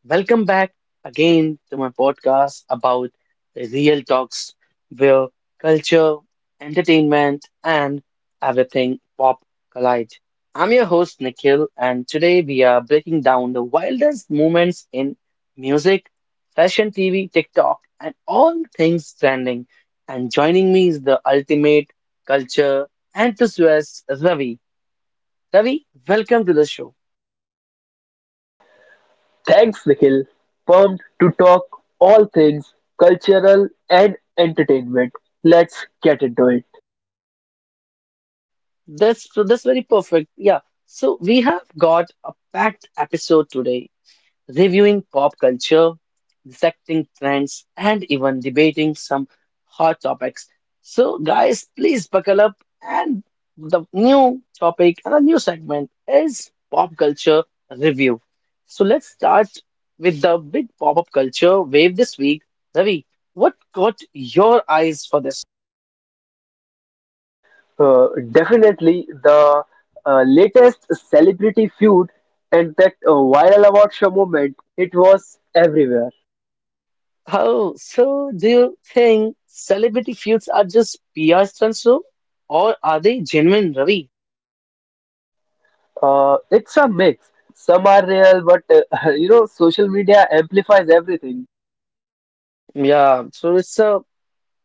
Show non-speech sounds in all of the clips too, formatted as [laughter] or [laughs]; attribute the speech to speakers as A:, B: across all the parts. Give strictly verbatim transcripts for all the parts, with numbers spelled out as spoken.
A: welcome back again to my podcast about the real talks where culture, entertainment, and everything pop collide. I'm your host, Nikhil, and today we are breaking down the wildest moments in music, fashion T V, TikTok, and all things trending. And joining me is the ultimate culture enthusiast, Ravi. Ravi, welcome to the show.
B: Thanks, Nikhil. Pumped to talk all things cultural and entertainment. Let's get into it.
A: That's so that's very perfect. Yeah. So we have got a packed episode today, reviewing pop culture, dissecting trends, and even debating some hot topics. So guys, please buckle up. And the new topic and a new segment is pop culture review. So let's start with the big pop-up culture wave this week. Ravi, what caught your eyes for this?
B: Uh, definitely, the uh, latest celebrity feud and that uh, viral award show moment, it was everywhere.
A: Oh, so do you think celebrity feuds are just P R stunts, though? Or are they genuine, Ravi?
B: Uh, it's a mix. Some are real, but uh, [laughs] you know, social media amplifies everything.
A: Yeah, so it's a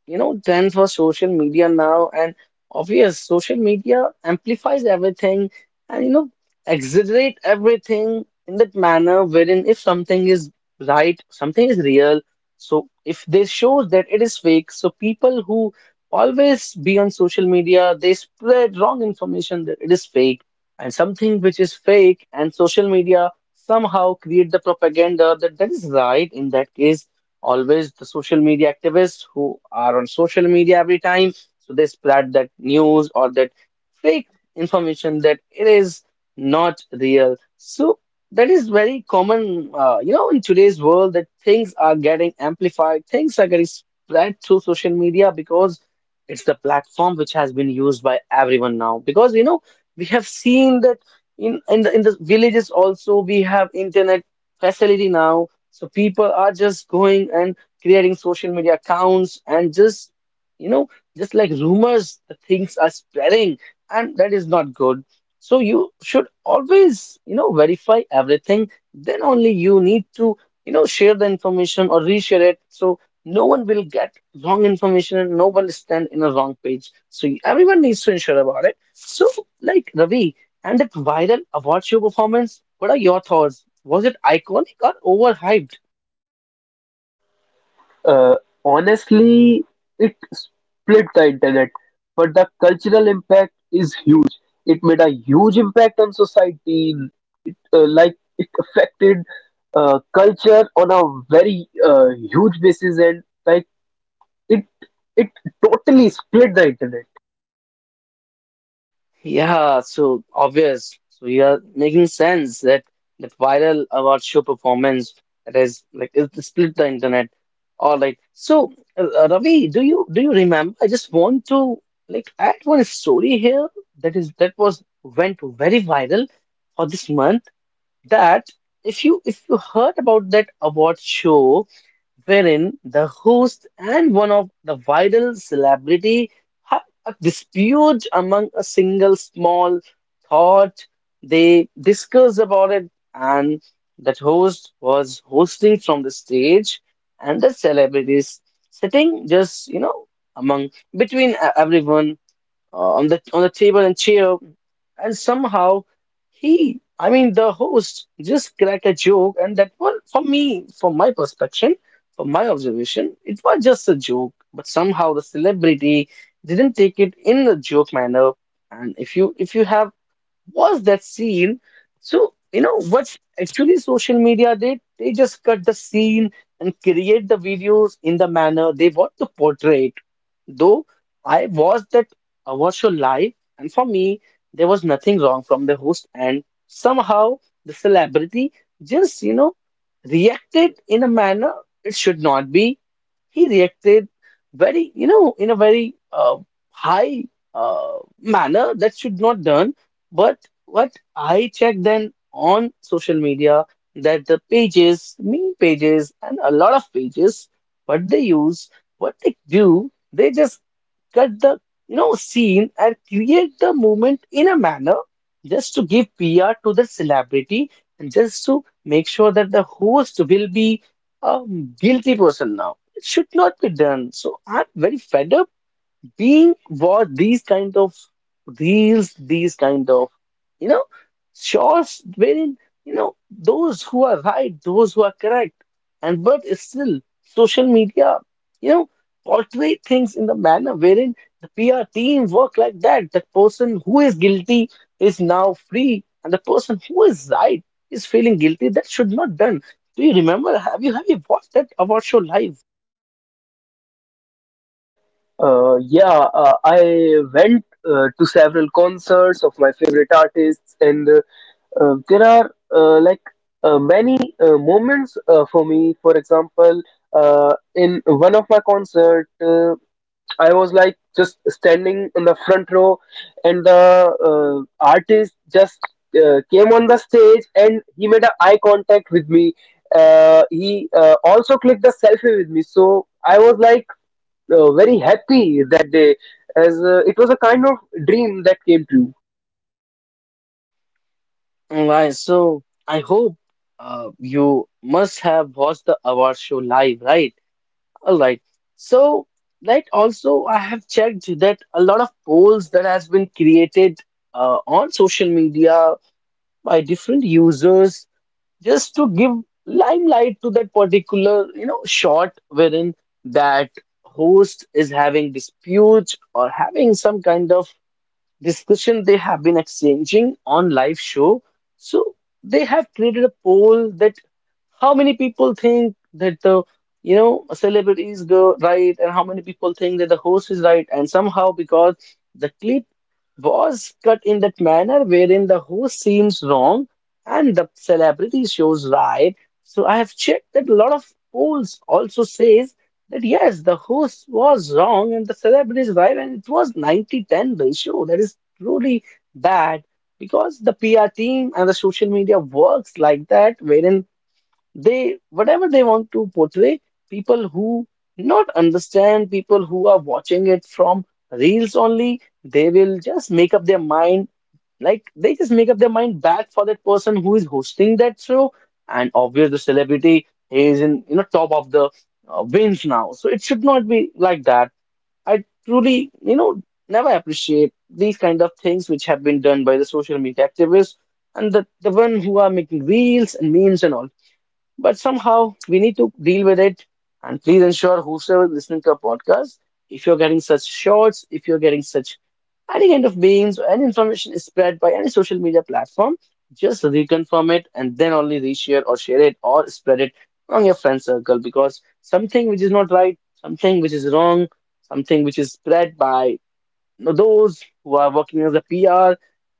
A: you know, trends for social media now, and obvious social media amplifies everything and you know exaggerate everything in that manner wherein if something is right, something is real. So if they show that it is fake, so people who always be on social media, they spread wrong information that it is fake, and something which is fake and social media somehow create the propaganda that that is right. In that case always the social media activists who are on social media every time, so they spread that news or that fake information that it is not real. So that is very common, uh, you know, in today's world that things are getting amplified, things are getting spread through social media because it's the platform which has been used by everyone now. Because you know, we have seen that in in the, in the villages also we have internet facility now. So people are just going and creating social media accounts and just, you know, just like rumors, the things are spreading, and that is not good. So you should always, you know, verify everything. Then only you need to, you know, share the information or reshare it, so no one will get wrong information and no one will stand in a wrong page. So everyone needs to ensure about it. So like Ravi, and that viral award show performance, what are your thoughts? Was it iconic or overhyped?
B: Uh, honestly, it split the internet, but the cultural impact is huge. It made a huge impact on society. It, uh, like it affected uh, culture on a very uh, huge basis, and like it it totally split the internet.
A: Yeah, so obvious. So you're making sense that that viral award show performance, that is like it split the internet. All right. So uh, uh, Ravi, do you do you remember? I just want to like add one story here that is that was went very viral for this month. That if you if you heard about that award show wherein the host and one of the viral celebrity have a dispute among a single small thought. They discuss about it, and that host was hosting from the stage, and the celebrities sitting just you know among between e- everyone, uh, on the on the table and chair, and somehow he, I mean, the host just cracked a joke, and that was for me, from my perspective, from my observation, it was just a joke. But somehow the celebrity didn't take it in a joke manner, and if you if you have was that scene, so you know what actually social media did? They just cut the scene and create the videos in the manner they want to portray it. Though I watched that award show live, and for me, there was nothing wrong from the host, and somehow the celebrity just, you know, reacted in a manner it should not be. He reacted very, you know, in a very uh, high uh, manner that should not done. But what I checked then on social media, that the pages, meme pages, and a lot of pages, what they use, what they do. They just cut the you know scene and create the moment in a manner just to give P R to the celebrity and just to make sure that the host will be a guilty person now. It should not be done. So I'm very fed up being what these kind of reels, these kind of you know shorts wherein you know those who are right, those who are correct, and but still social media, you know, portray things in the manner wherein the P R team work like that. The person who is guilty is now free, and the person who is right is feeling guilty. That should not done. Do you remember? Have you have you watched that award show live?
B: Uh, yeah, uh, I went uh, to several concerts of my favorite artists, and uh, Uh, there are uh, like uh, many uh, moments uh, for me. For example, uh, in one of my concert, uh, I was like just standing in the front row, and the uh, artist just uh, came on the stage and he made an eye contact with me. Uh, he uh, also clicked the selfie with me, so I was like uh, very happy that day, as uh, it was a kind of dream that came true.
A: Alright, so I hope uh, you must have watched the award show live, right? Alright, so like also I have checked that a lot of polls that has been created uh, on social media by different users just to give limelight to that particular you know shot wherein that host is having dispute or having some kind of discussion they have been exchanging on live show. So they have created a poll that how many people think that the you know celebrity is go right, and how many people think that the host is right, and somehow because the clip was cut in that manner wherein the host seems wrong and the celebrity shows right. So I have checked that a lot of polls also says that yes, the host was wrong and the celebrity is right, and it was ninety ten ratio. That is truly bad because the P R team and the social media works like that, wherein they whatever they want to portray, people who not understand, people who are watching it from reels only, they will just make up their mind, like they just make up their mind bad for that person who is hosting that show. And obvious the celebrity is in you know top of the uh, wins now, so it should not be like that. I truly you know never appreciate these kind of things which have been done by the social media activists and the, the one who are making reels and memes and all. But somehow we need to deal with it. And please ensure whosoever is listening to our podcast, if you're getting such shorts, if you're getting such any kind of memes or any information is spread by any social media platform, just reconfirm it and then only reshare or share it or spread it on your friend circle, because something which is not right, something which is wrong, something which is spread by those who are working as a P R.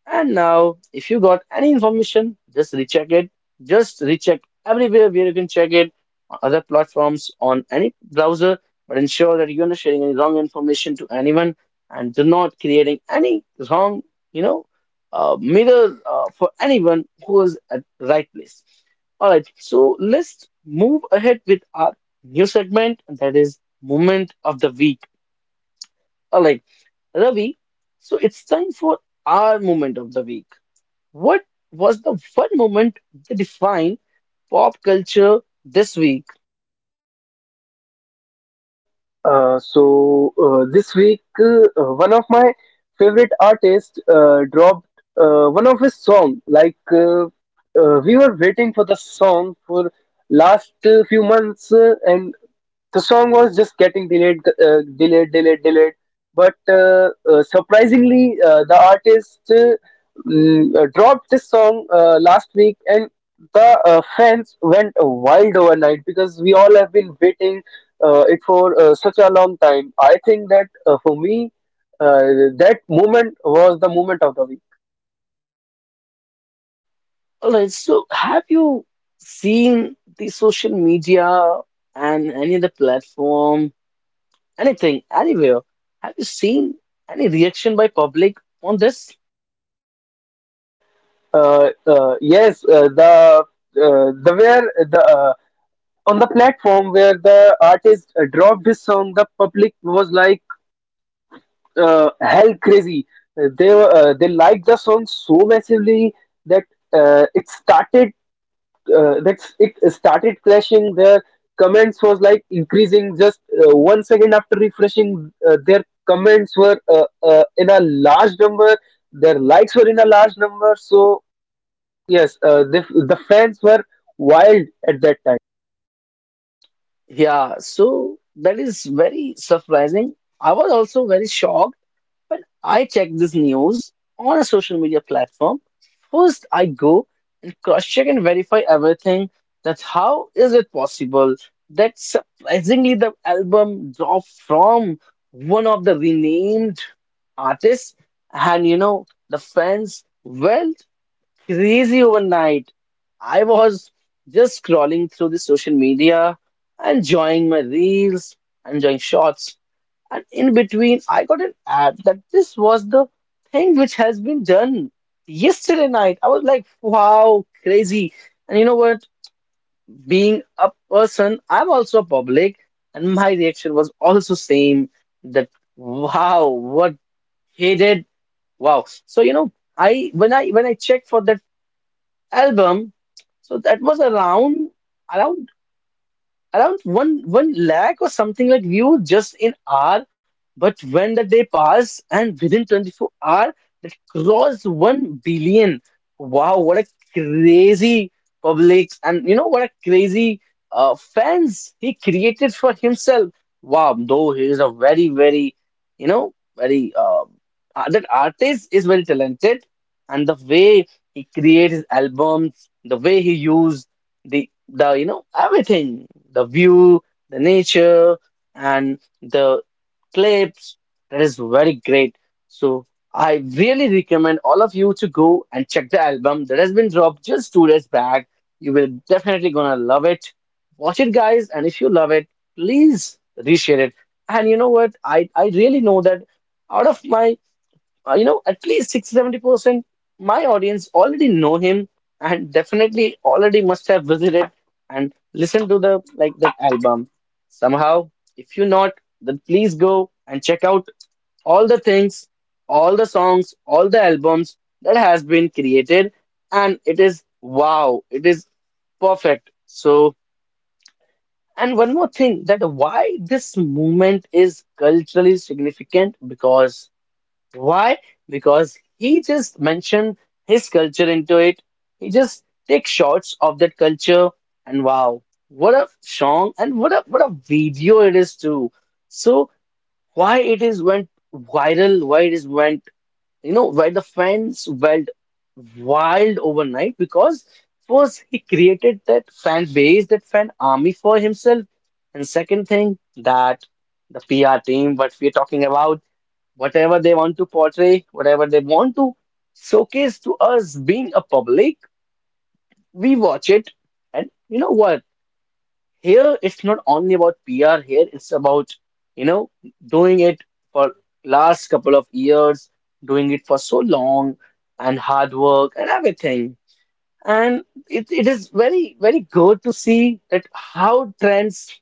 A: And now, if you got any information, just recheck it. Just recheck everywhere where you can check it, on other platforms, on any browser. But ensure that you're not sharing any wrong information to anyone and do not creating any wrong, you know, uh, mirror uh, for anyone who is at the right place. All right, so let's move ahead with our new segment, and that is moment of the week. All right. Ravi, so it's time for our moment of the week. What was the one moment that defined pop culture this week?
B: Uh, so uh, this week, uh, one of my favorite artists uh, dropped uh, one of his song. Like uh, uh, we were waiting for the song for last uh, few months, uh, and the song was just getting delayed, uh, delayed, delayed, delayed. But uh, uh, surprisingly, uh, the artist uh, mm, uh, dropped this song uh, last week, and the uh, fans went wild overnight because we all have been waiting uh, it for uh, such a long time. I think that uh, for me, uh, that moment was the moment of the week.
A: All right, so have you seen the social media and any other platform, anything, anywhere? Have you seen any reaction by public on this?
B: Uh, uh, yes, uh, the uh, the where the uh, on the platform where the artist uh, dropped his song, the public was like uh, hell crazy. Uh, They were, uh, they liked the song so massively that uh, it started uh, that it started clashing. Their comments was like increasing. Just uh, one second after refreshing, uh, their comments were uh, uh, in a large number. Their likes were in a large number. So yes, uh, the the fans were wild at that time.
A: Yeah, so that is very surprising. I was also very shocked when I checked this news on a social media platform. First, I go cross-check and verify everything. That's how is it possible that surprisingly the album dropped from one of the renamed artists, and you know the fans went crazy overnight. I was just scrolling through the social media, enjoying my reels, enjoying shots, and in between, I got an ad that this was the thing which has been done yesterday night. I was like, wow, crazy. And you know what? Being a person, I'm also public, and my reaction was also same that wow, what he did. Wow. So you know, I when I when I checked for that album, so that was around around around one one lakh or something like view just in hour. But when the day passed and within twenty-four hour, that crossed one billion. Wow, what a crazy public and you know what a crazy uh, fans he created for himself. Wow, though he is a very, very, you know, very uh, uh, that artist is very talented, and the way he creates his albums, the way he used the the you know everything, the view, the nature, and the clips, that is very great. So I really recommend all of you to go and check the album that has been dropped just two days back. You will definitely gonna love it. Watch it guys, and if you love it, please reshare it. And you know what, i i really know that out of my uh, you know, at least sixty percent my audience already know him and definitely already must have visited and listened to the like that album. Somehow, if you not, then please go and check out all the things, all the songs, all the albums that has been created, and it is wow, it is perfect. So, and one more thing that why this movement is culturally significant because. Why? Because he just mentioned his culture into it. He just takes shots of that culture, and wow, what a song and what a what a video it is too. So why it is went viral? Why it is went you know why the fans went wild overnight? Because first he created that fan base, that fan army for himself, and second thing that the P R team, what we are talking about whatever they want to portray, whatever they want to showcase to us being a public, we watch it. And you know what? Here it's not only about P R, here it's about, you know, doing it for last couple of years, doing it for so long and hard work and everything. And it, it is very, very good to see that how trends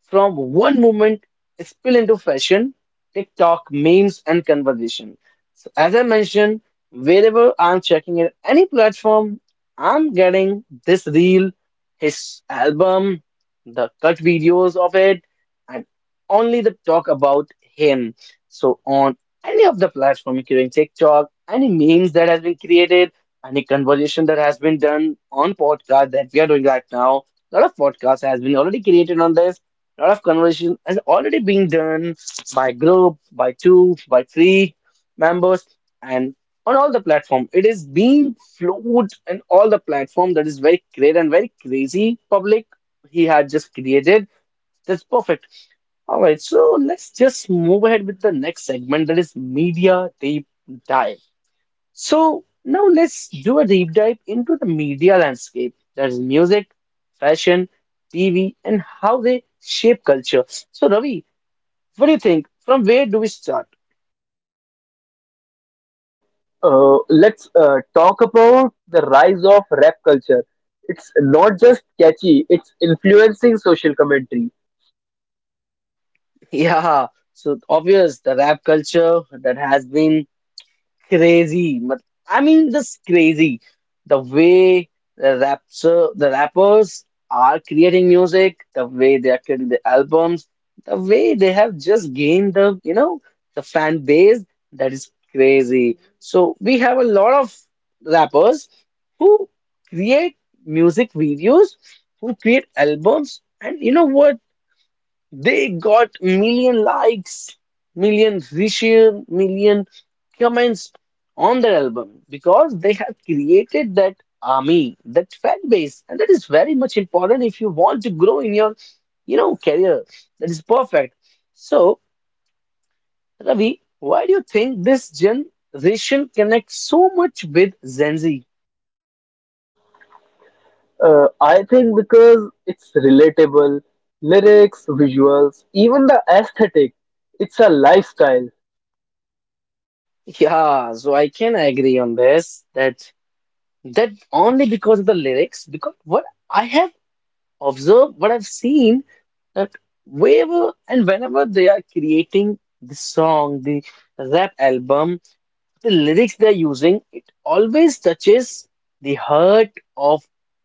A: from one movement spill into fashion, TikTok, memes, and conversation. So as I mentioned, wherever I'm checking it, any platform, I'm getting this reel, his album, the cut videos of it, and only the talk about him. So on any of the platform, including TikTok, any memes that has been created, any conversation that has been done on podcast that we are doing right now, lot of podcasts has been already created on this, a lot of conversation has already been done by group, by two, by three members, and on all the platform. It is being flowed in all the platform. That is very great and very crazy. Public he had just created. That's perfect. All right, so let's just move ahead with the next segment. That is media deep dive. So now let's do a deep dive into the media landscape. That is music, fashion, T V, and how they shape culture. So Ravi, what do you think? From where do we start? [laughs]
B: uh, let's uh, talk about the rise of rap culture. It's not just catchy, it's influencing social commentary.
A: Yeah, so obvious the rap culture that has been crazy. But I mean, just crazy. The way the rapper, the rappers are creating music, the way they are creating the albums, the way they have just gained the, you know, the fan base, that is crazy. So we have a lot of rappers who create music videos, who create albums, and you know what? They got million likes, million reshare, million comments on their album because they have created that army, that fan base, and that is very much important if you want to grow in your, you know, career. That is perfect. So, Ravi, why do you think this generation connects so much with Gen Z?
B: Uh, I think because it's relatable, lyrics, visuals, even the aesthetic, it's a lifestyle.
A: Yeah, so I can agree on this that that only because of the lyrics, because what I have Observe what I've seen that wherever and whenever they are creating the song, the rap album, the lyrics they're using, it always touches the heart of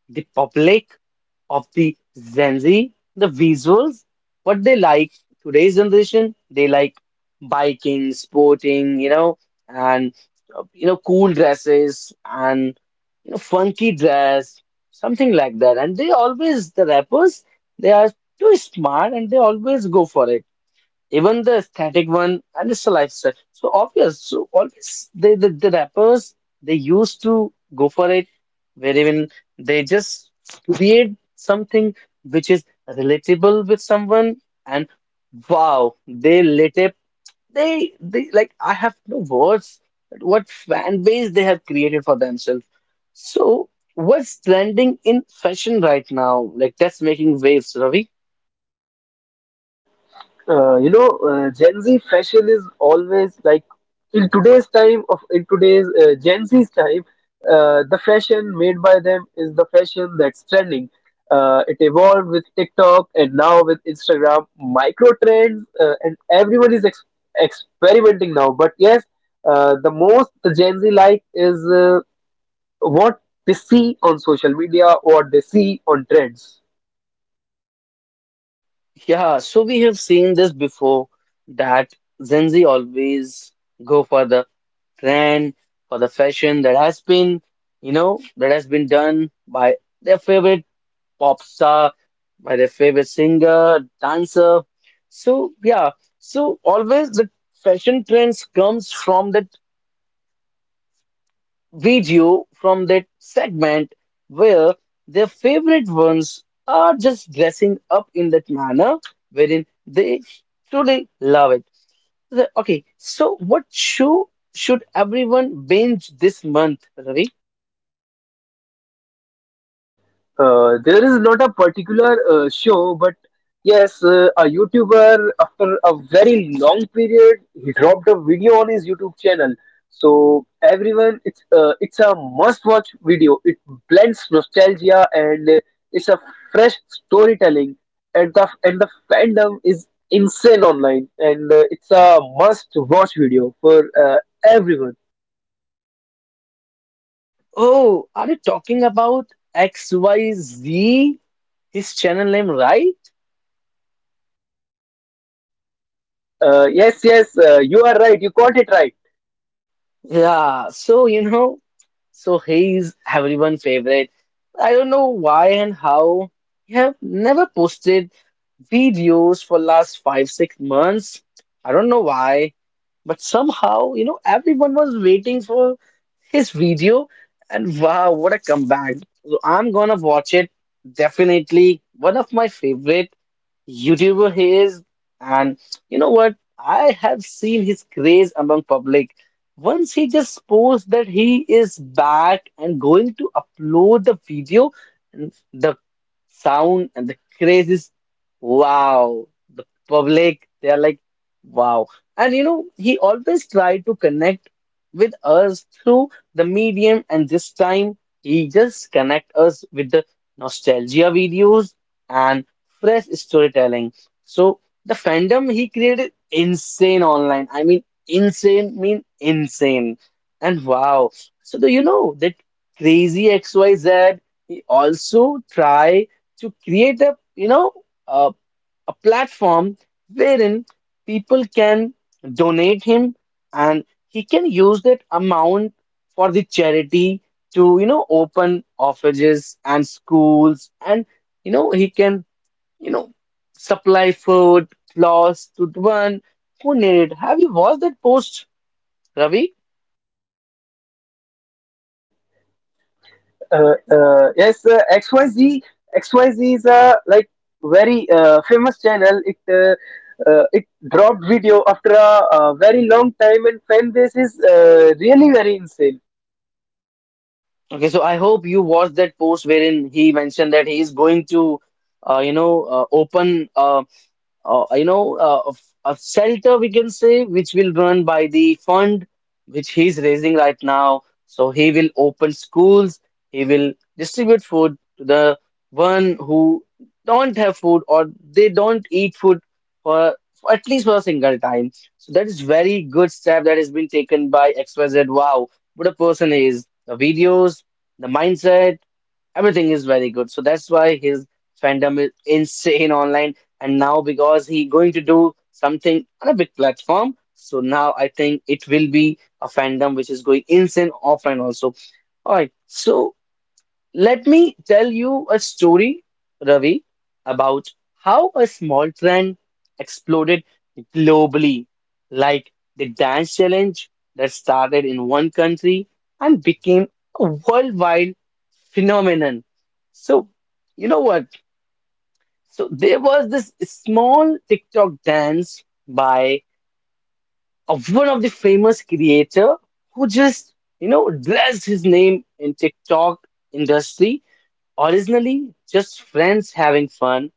A: the public, of the Gen Z, the visuals, what they like. Today's generation, they like biking, sporting, you know, and uh, you know, cool dresses and a funky dress, something like that. And they always, the rappers, they are too smart and they always go for it. Even the static one, and it's a lifestyle. So obvious. So always, they, the, the rappers, they used to go for it, where even they just create something which is relatable with someone. And wow, they lit up they, they like I have no words that what fan base they have created for themselves. So what's trending in fashion right now? Like that's making waves, Ravi.
B: Uh, you know, uh, Gen Z fashion is always like in today's time of in today's uh, Gen Z's time, uh, the fashion made by them is the fashion that's trending. Uh, it evolved with TikTok and now with Instagram micro trends, uh, and everyone is ex experimenting now. But yes, uh, the most the Gen Z like is uh, what they see on social media, what they see on trends.
A: Yeah, so we have seen this before that Gen Z always go for the trend, for the fashion that has been, you know, that has been done by their favorite pop star, my favorite singer, dancer. So yeah, so always the fashion trends comes from that video, from that segment where their favorite ones are just dressing up in that manner wherein they truly love it. So, okay, so what show should everyone binge this month, Ravi?
B: Uh, there is not a particular uh, show, but yes, uh, a YouTuber after a very long period, he dropped a video on his YouTube channel. So everyone, it's uh, it's a must-watch video. It blends nostalgia and uh, it's a fresh storytelling, and the and the fandom is insane online, and uh, it's a must-watch video for uh, everyone.
A: Oh, are you talking about X Y Z? His channel name, right?
B: Uh, yes, yes, uh, you are right. You caught it right.
A: Yeah, so you know, so he's everyone's favorite. I don't know why and how. He have never posted videos for last five, six months. I don't know why, but somehow, you know, everyone was waiting for his video, and wow, what a comeback. So I'm gonna watch it. Definitely one of my favorite. YouTuber he is, and you know what? I have seen his craze among public. Once he just posts that he is back and going to upload the video, and the sound and the craze is wow. The public, they are like wow. And you know, he always tried to connect with us through the medium, and this time he just connect us with the nostalgia videos. And fresh storytelling. So the fandom he created insane online. I mean, insane mean insane. And wow. So do you know that crazy X Y Z he also try to create a you know a, a platform wherein people can donate him and he can use that amount for the charity to you know open offices and schools and you know he can you know, supply food, clothes to the one who needed. Have you watched that post, Ravi?
B: uh, uh, yes, uh, X Y Z. X Y Z is a like very uh, famous channel. It uh, uh, it dropped video after a, uh very long time, and fan base is uh, really very insane.
A: Okay, so I hope you watched that post wherein he mentioned that he is going to, uh, you know, uh, open a uh, you know, uh, of- a shelter we can say, which will run by the fund which he's raising right now. So he will open schools, he will distribute food to the one who don't have food or they don't eat food for, for at least for a single time. So that is very good step that has been taken by X Y Z. Wow, what a person he is. The videos, the mindset Everything is very good. So that's why his fandom is insane online. And now because he going to do something on a big platform, so now I think it will be a fandom which is going insane offline also. All right. So let me tell you a story, Ravi, about how a small trend exploded globally, like the dance challenge that started in one country and became a worldwide phenomenon. So, you know what? So, there was this small TikTok dance by of one of the famous creator who just, you know, dressed his name in TikTok industry Originally just friends having fun,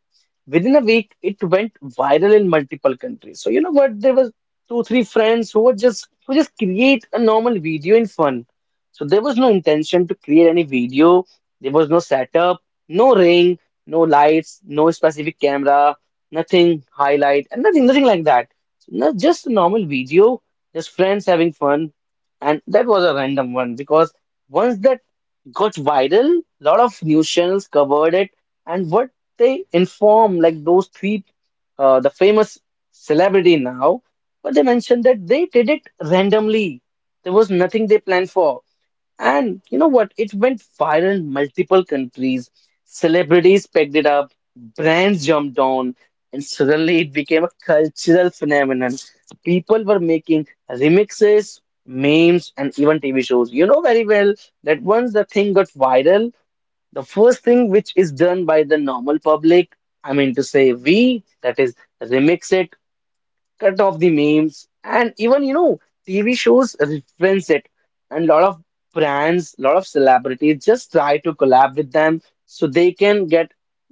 A: within a week it went viral in multiple countries. So you know what? There was two, three friends who were just who just create a normal video in fun. So there was no intention to create any video. There was no setup, no ring, no lights, no specific camera, nothing highlight, and nothing, nothing like that. So, no, just a normal video, just friends having fun, and that was a random one because once that got viral. A lot of news channels covered it, and what they inform, like those three, uh, the famous celebrity now, but they mentioned that they did it randomly. There was nothing they planned for. And you know what? It went viral in multiple countries. Celebrities picked it up, brands jumped on, and suddenly it became a cultural phenomenon. People were making remixes, memes, and even T V shows. You know very well that once the thing got viral, the first thing which is done by the normal public, I mean to say we, that is remix it, cut off the memes and even you know TV shows reference it and a lot of brands, a lot of celebrities just try to collab with them so they can get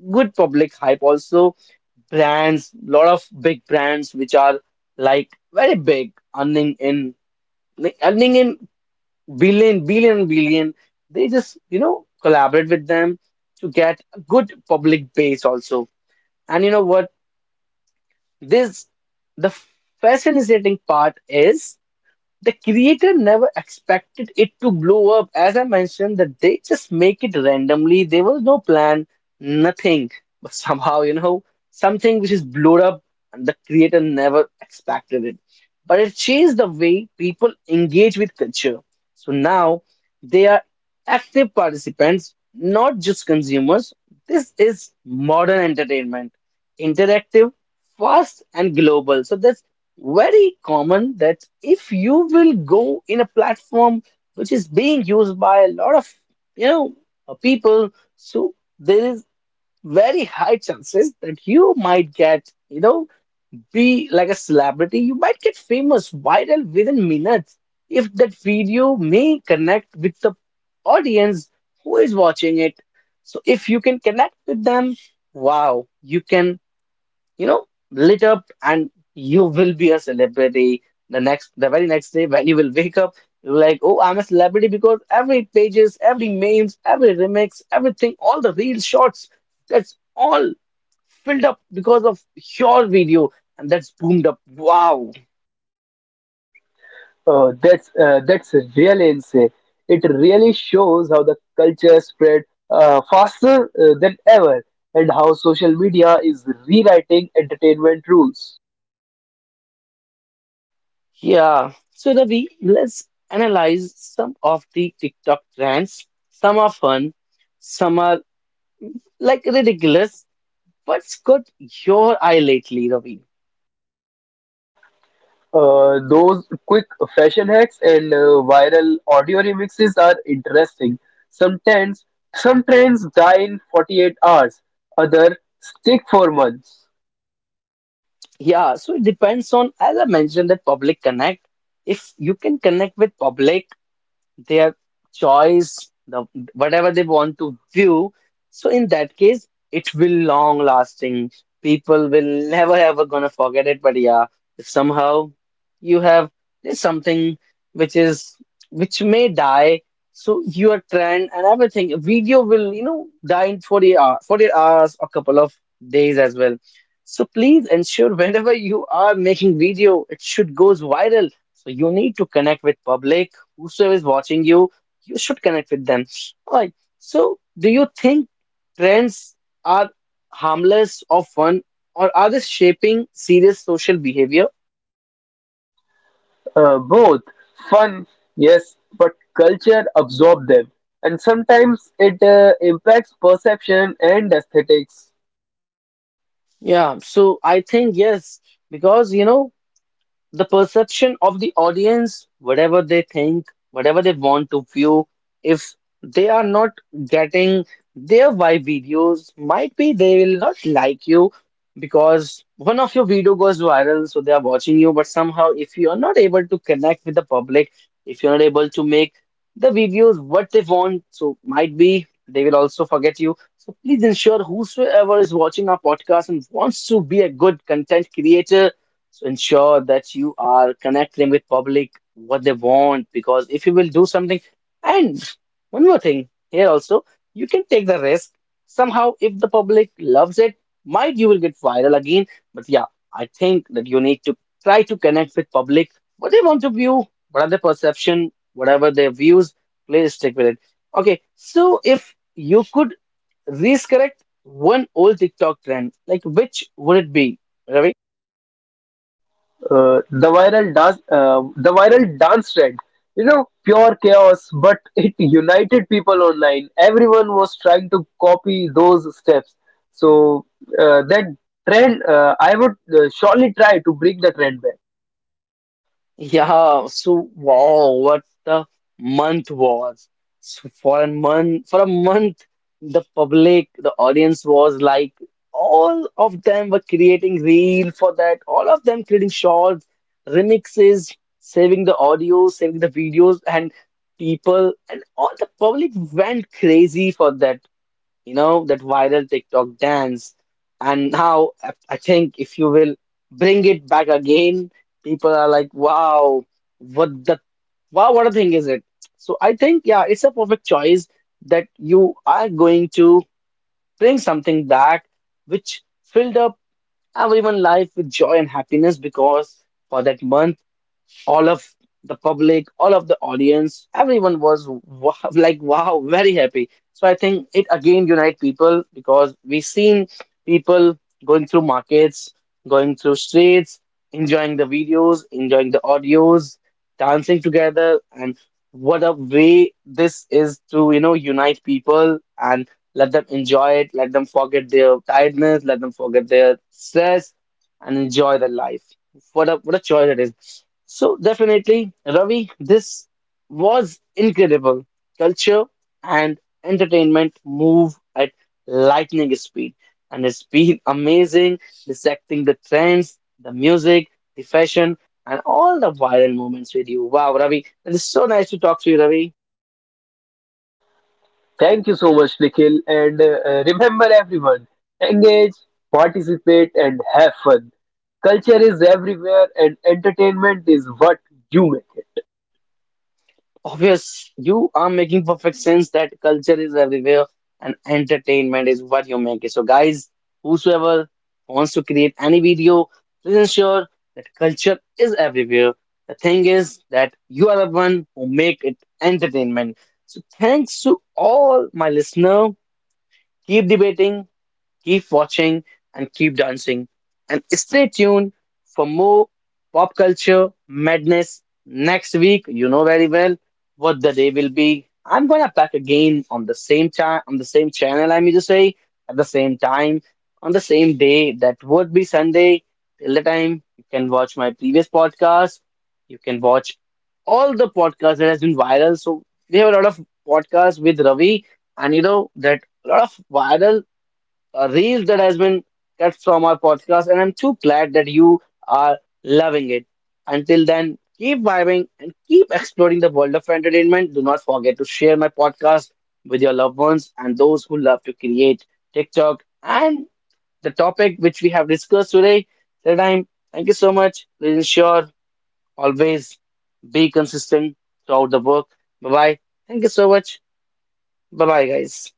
A: good public hype also, brands, a lot of big brands which are like very big earning in like, earning in billion billion billion, they just you know collaborate with them to get a good public base also. And you know what? This the fascinating part is the creator never expected it to blow up. As I mentioned, that they just make it randomly. There was no plan, nothing. But somehow, you know, something which is blown up, and the creator never expected it. But it changed the way people engage with culture. So now they are active participants, not just consumers. This is modern entertainment, interactive, fast, and global. So that's very common that if you will go in a platform which is being used by a lot of you know uh, people, so there is very high chances that you might get, you know be like a celebrity. You might get famous viral within minutes if that video may connect with the audience who is watching it. So if you can connect with them, wow, you can, you know, lit up, and you will be a celebrity. The next, the very next day when you will wake up, you're like, oh, I'm a celebrity because every pages, every memes, every remix, everything, all the real shots, that's all filled up because of your video, and that's boomed up. Wow.
B: Uh, that's uh, that's really insane. It really shows how the culture spread uh, faster uh, than ever, and how social media is rewriting entertainment rules.
A: Yeah. So Ravi, let's analyze some of the TikTok trends. Some are fun, some are like ridiculous. What's got your eye lately, Ravi?
B: Uh, those quick fashion hacks and uh, viral audio remixes are interesting. Some trends, some trends die in forty-eight hours, other stick for months.
A: Yeah, so it depends on, as I mentioned, that public connect. If you can connect with public, their choice, the whatever they want to view. So in that case, it will long lasting. People will never ever gonna forget it. But yeah, if somehow you have, there's something which is which may die. So your trend and everything, video will, you know, die in forty hours, forty hours, or couple of days as well. So please ensure whenever you are making video, it should goes viral. So you need to connect with public. Whosoever is watching you, you should connect with them. All right. So, do you think trends are harmless or fun, or are they shaping serious social behavior?
B: Uh, both fun, yes, but culture absorb them, and sometimes it uh, impacts perception and aesthetics.
A: Yeah. So, I think yes, because you know, the perception of the audience, whatever they think, whatever they want to view, if they are not getting their vibe videos, might be they will not like you, because one of your video goes viral, so they are watching you. But somehow, if you are not able to connect with the public, if you're not able to make the videos what they want, so might be they will also forget you. So please ensure whosoever is watching our podcast and wants to be a good content creator, so ensure that you are connecting with public what they want, because if you will do something, and one more thing here also, you can take the risk. Somehow, if the public loves it, might you will get viral again. But yeah, I think that you need to try to connect with public what they want to view, what are their perception, whatever their views, please stick with it. Okay, so if you could risk correct one old TikTok trend, like which would it be?
B: Uh, the viral dance uh, the viral dance trend, you know, pure chaos, but it united people online. Everyone was trying to copy those steps, so uh, that trend uh, I would uh, surely try to bring the trend back.
A: Yeah, so wow, what the month was. So for a month, for a month, the public, the audience was like, all of them were creating reel for that, all of them creating shorts, remixes, saving the audio, saving the videos, and people, and all the public went crazy for that, you know, that viral TikTok dance. And now I I think if you will bring it back again, people are like, wow, what the wow, what a thing is it? So I think, yeah, it's a perfect choice that you are going to bring something back which filled up everyone's life with joy and happiness, because for that month all of the public, all of the audience, everyone was wow, [laughs] like, wow, very happy. So I think it again unite people because we seen people going through markets, going through streets, enjoying the videos, enjoying the audios, dancing together, and what a way this is to, you know, unite people and let them enjoy it, let them forget their tiredness, let them forget their stress, and enjoy their life. What a what a choice it is. So definitely, Ravi, this was incredible. Culture and entertainment move at lightning speed, and it's been [laughs] amazing dissecting the trends, the music, the fashion, and all the viral moments with you. Wow, Ravi, it is so nice to talk to you, Ravi.
B: Thank you so much, Nikhil, and uh, uh, remember everyone, engage, participate, and have fun. Culture is everywhere, and entertainment is what you make it.
A: Obvious, you are making perfect sense that culture is everywhere and entertainment is what you make it. So, guys, whosoever wants to create any video, please ensure that culture is everywhere. The thing is that you are the one who make it entertainment. So, thanks to all my listener. Keep debating, keep watching, and keep dancing. And stay tuned for more pop culture madness next week. You know very well what the day will be. I'm gonna pack again on the same time on the same channel, I mean to say, at the same time, on the same day. That would be Sunday. Till the time you can watch my previous podcast. You can watch all the podcasts that has been viral. So we have a lot of podcasts with Ravi, and you know that a lot of viral a reel that has been cut from our podcast, and I'm too glad that you are loving it. Until then, keep vibing and keep exploring the world of entertainment. Do not forget to share my podcast with your loved ones and those who love to create TikTok and the topic which we have discussed today. Till time, thank you so much. Please ensure always be consistent throughout the work. Bye bye. Thank you so much. Bye bye, guys.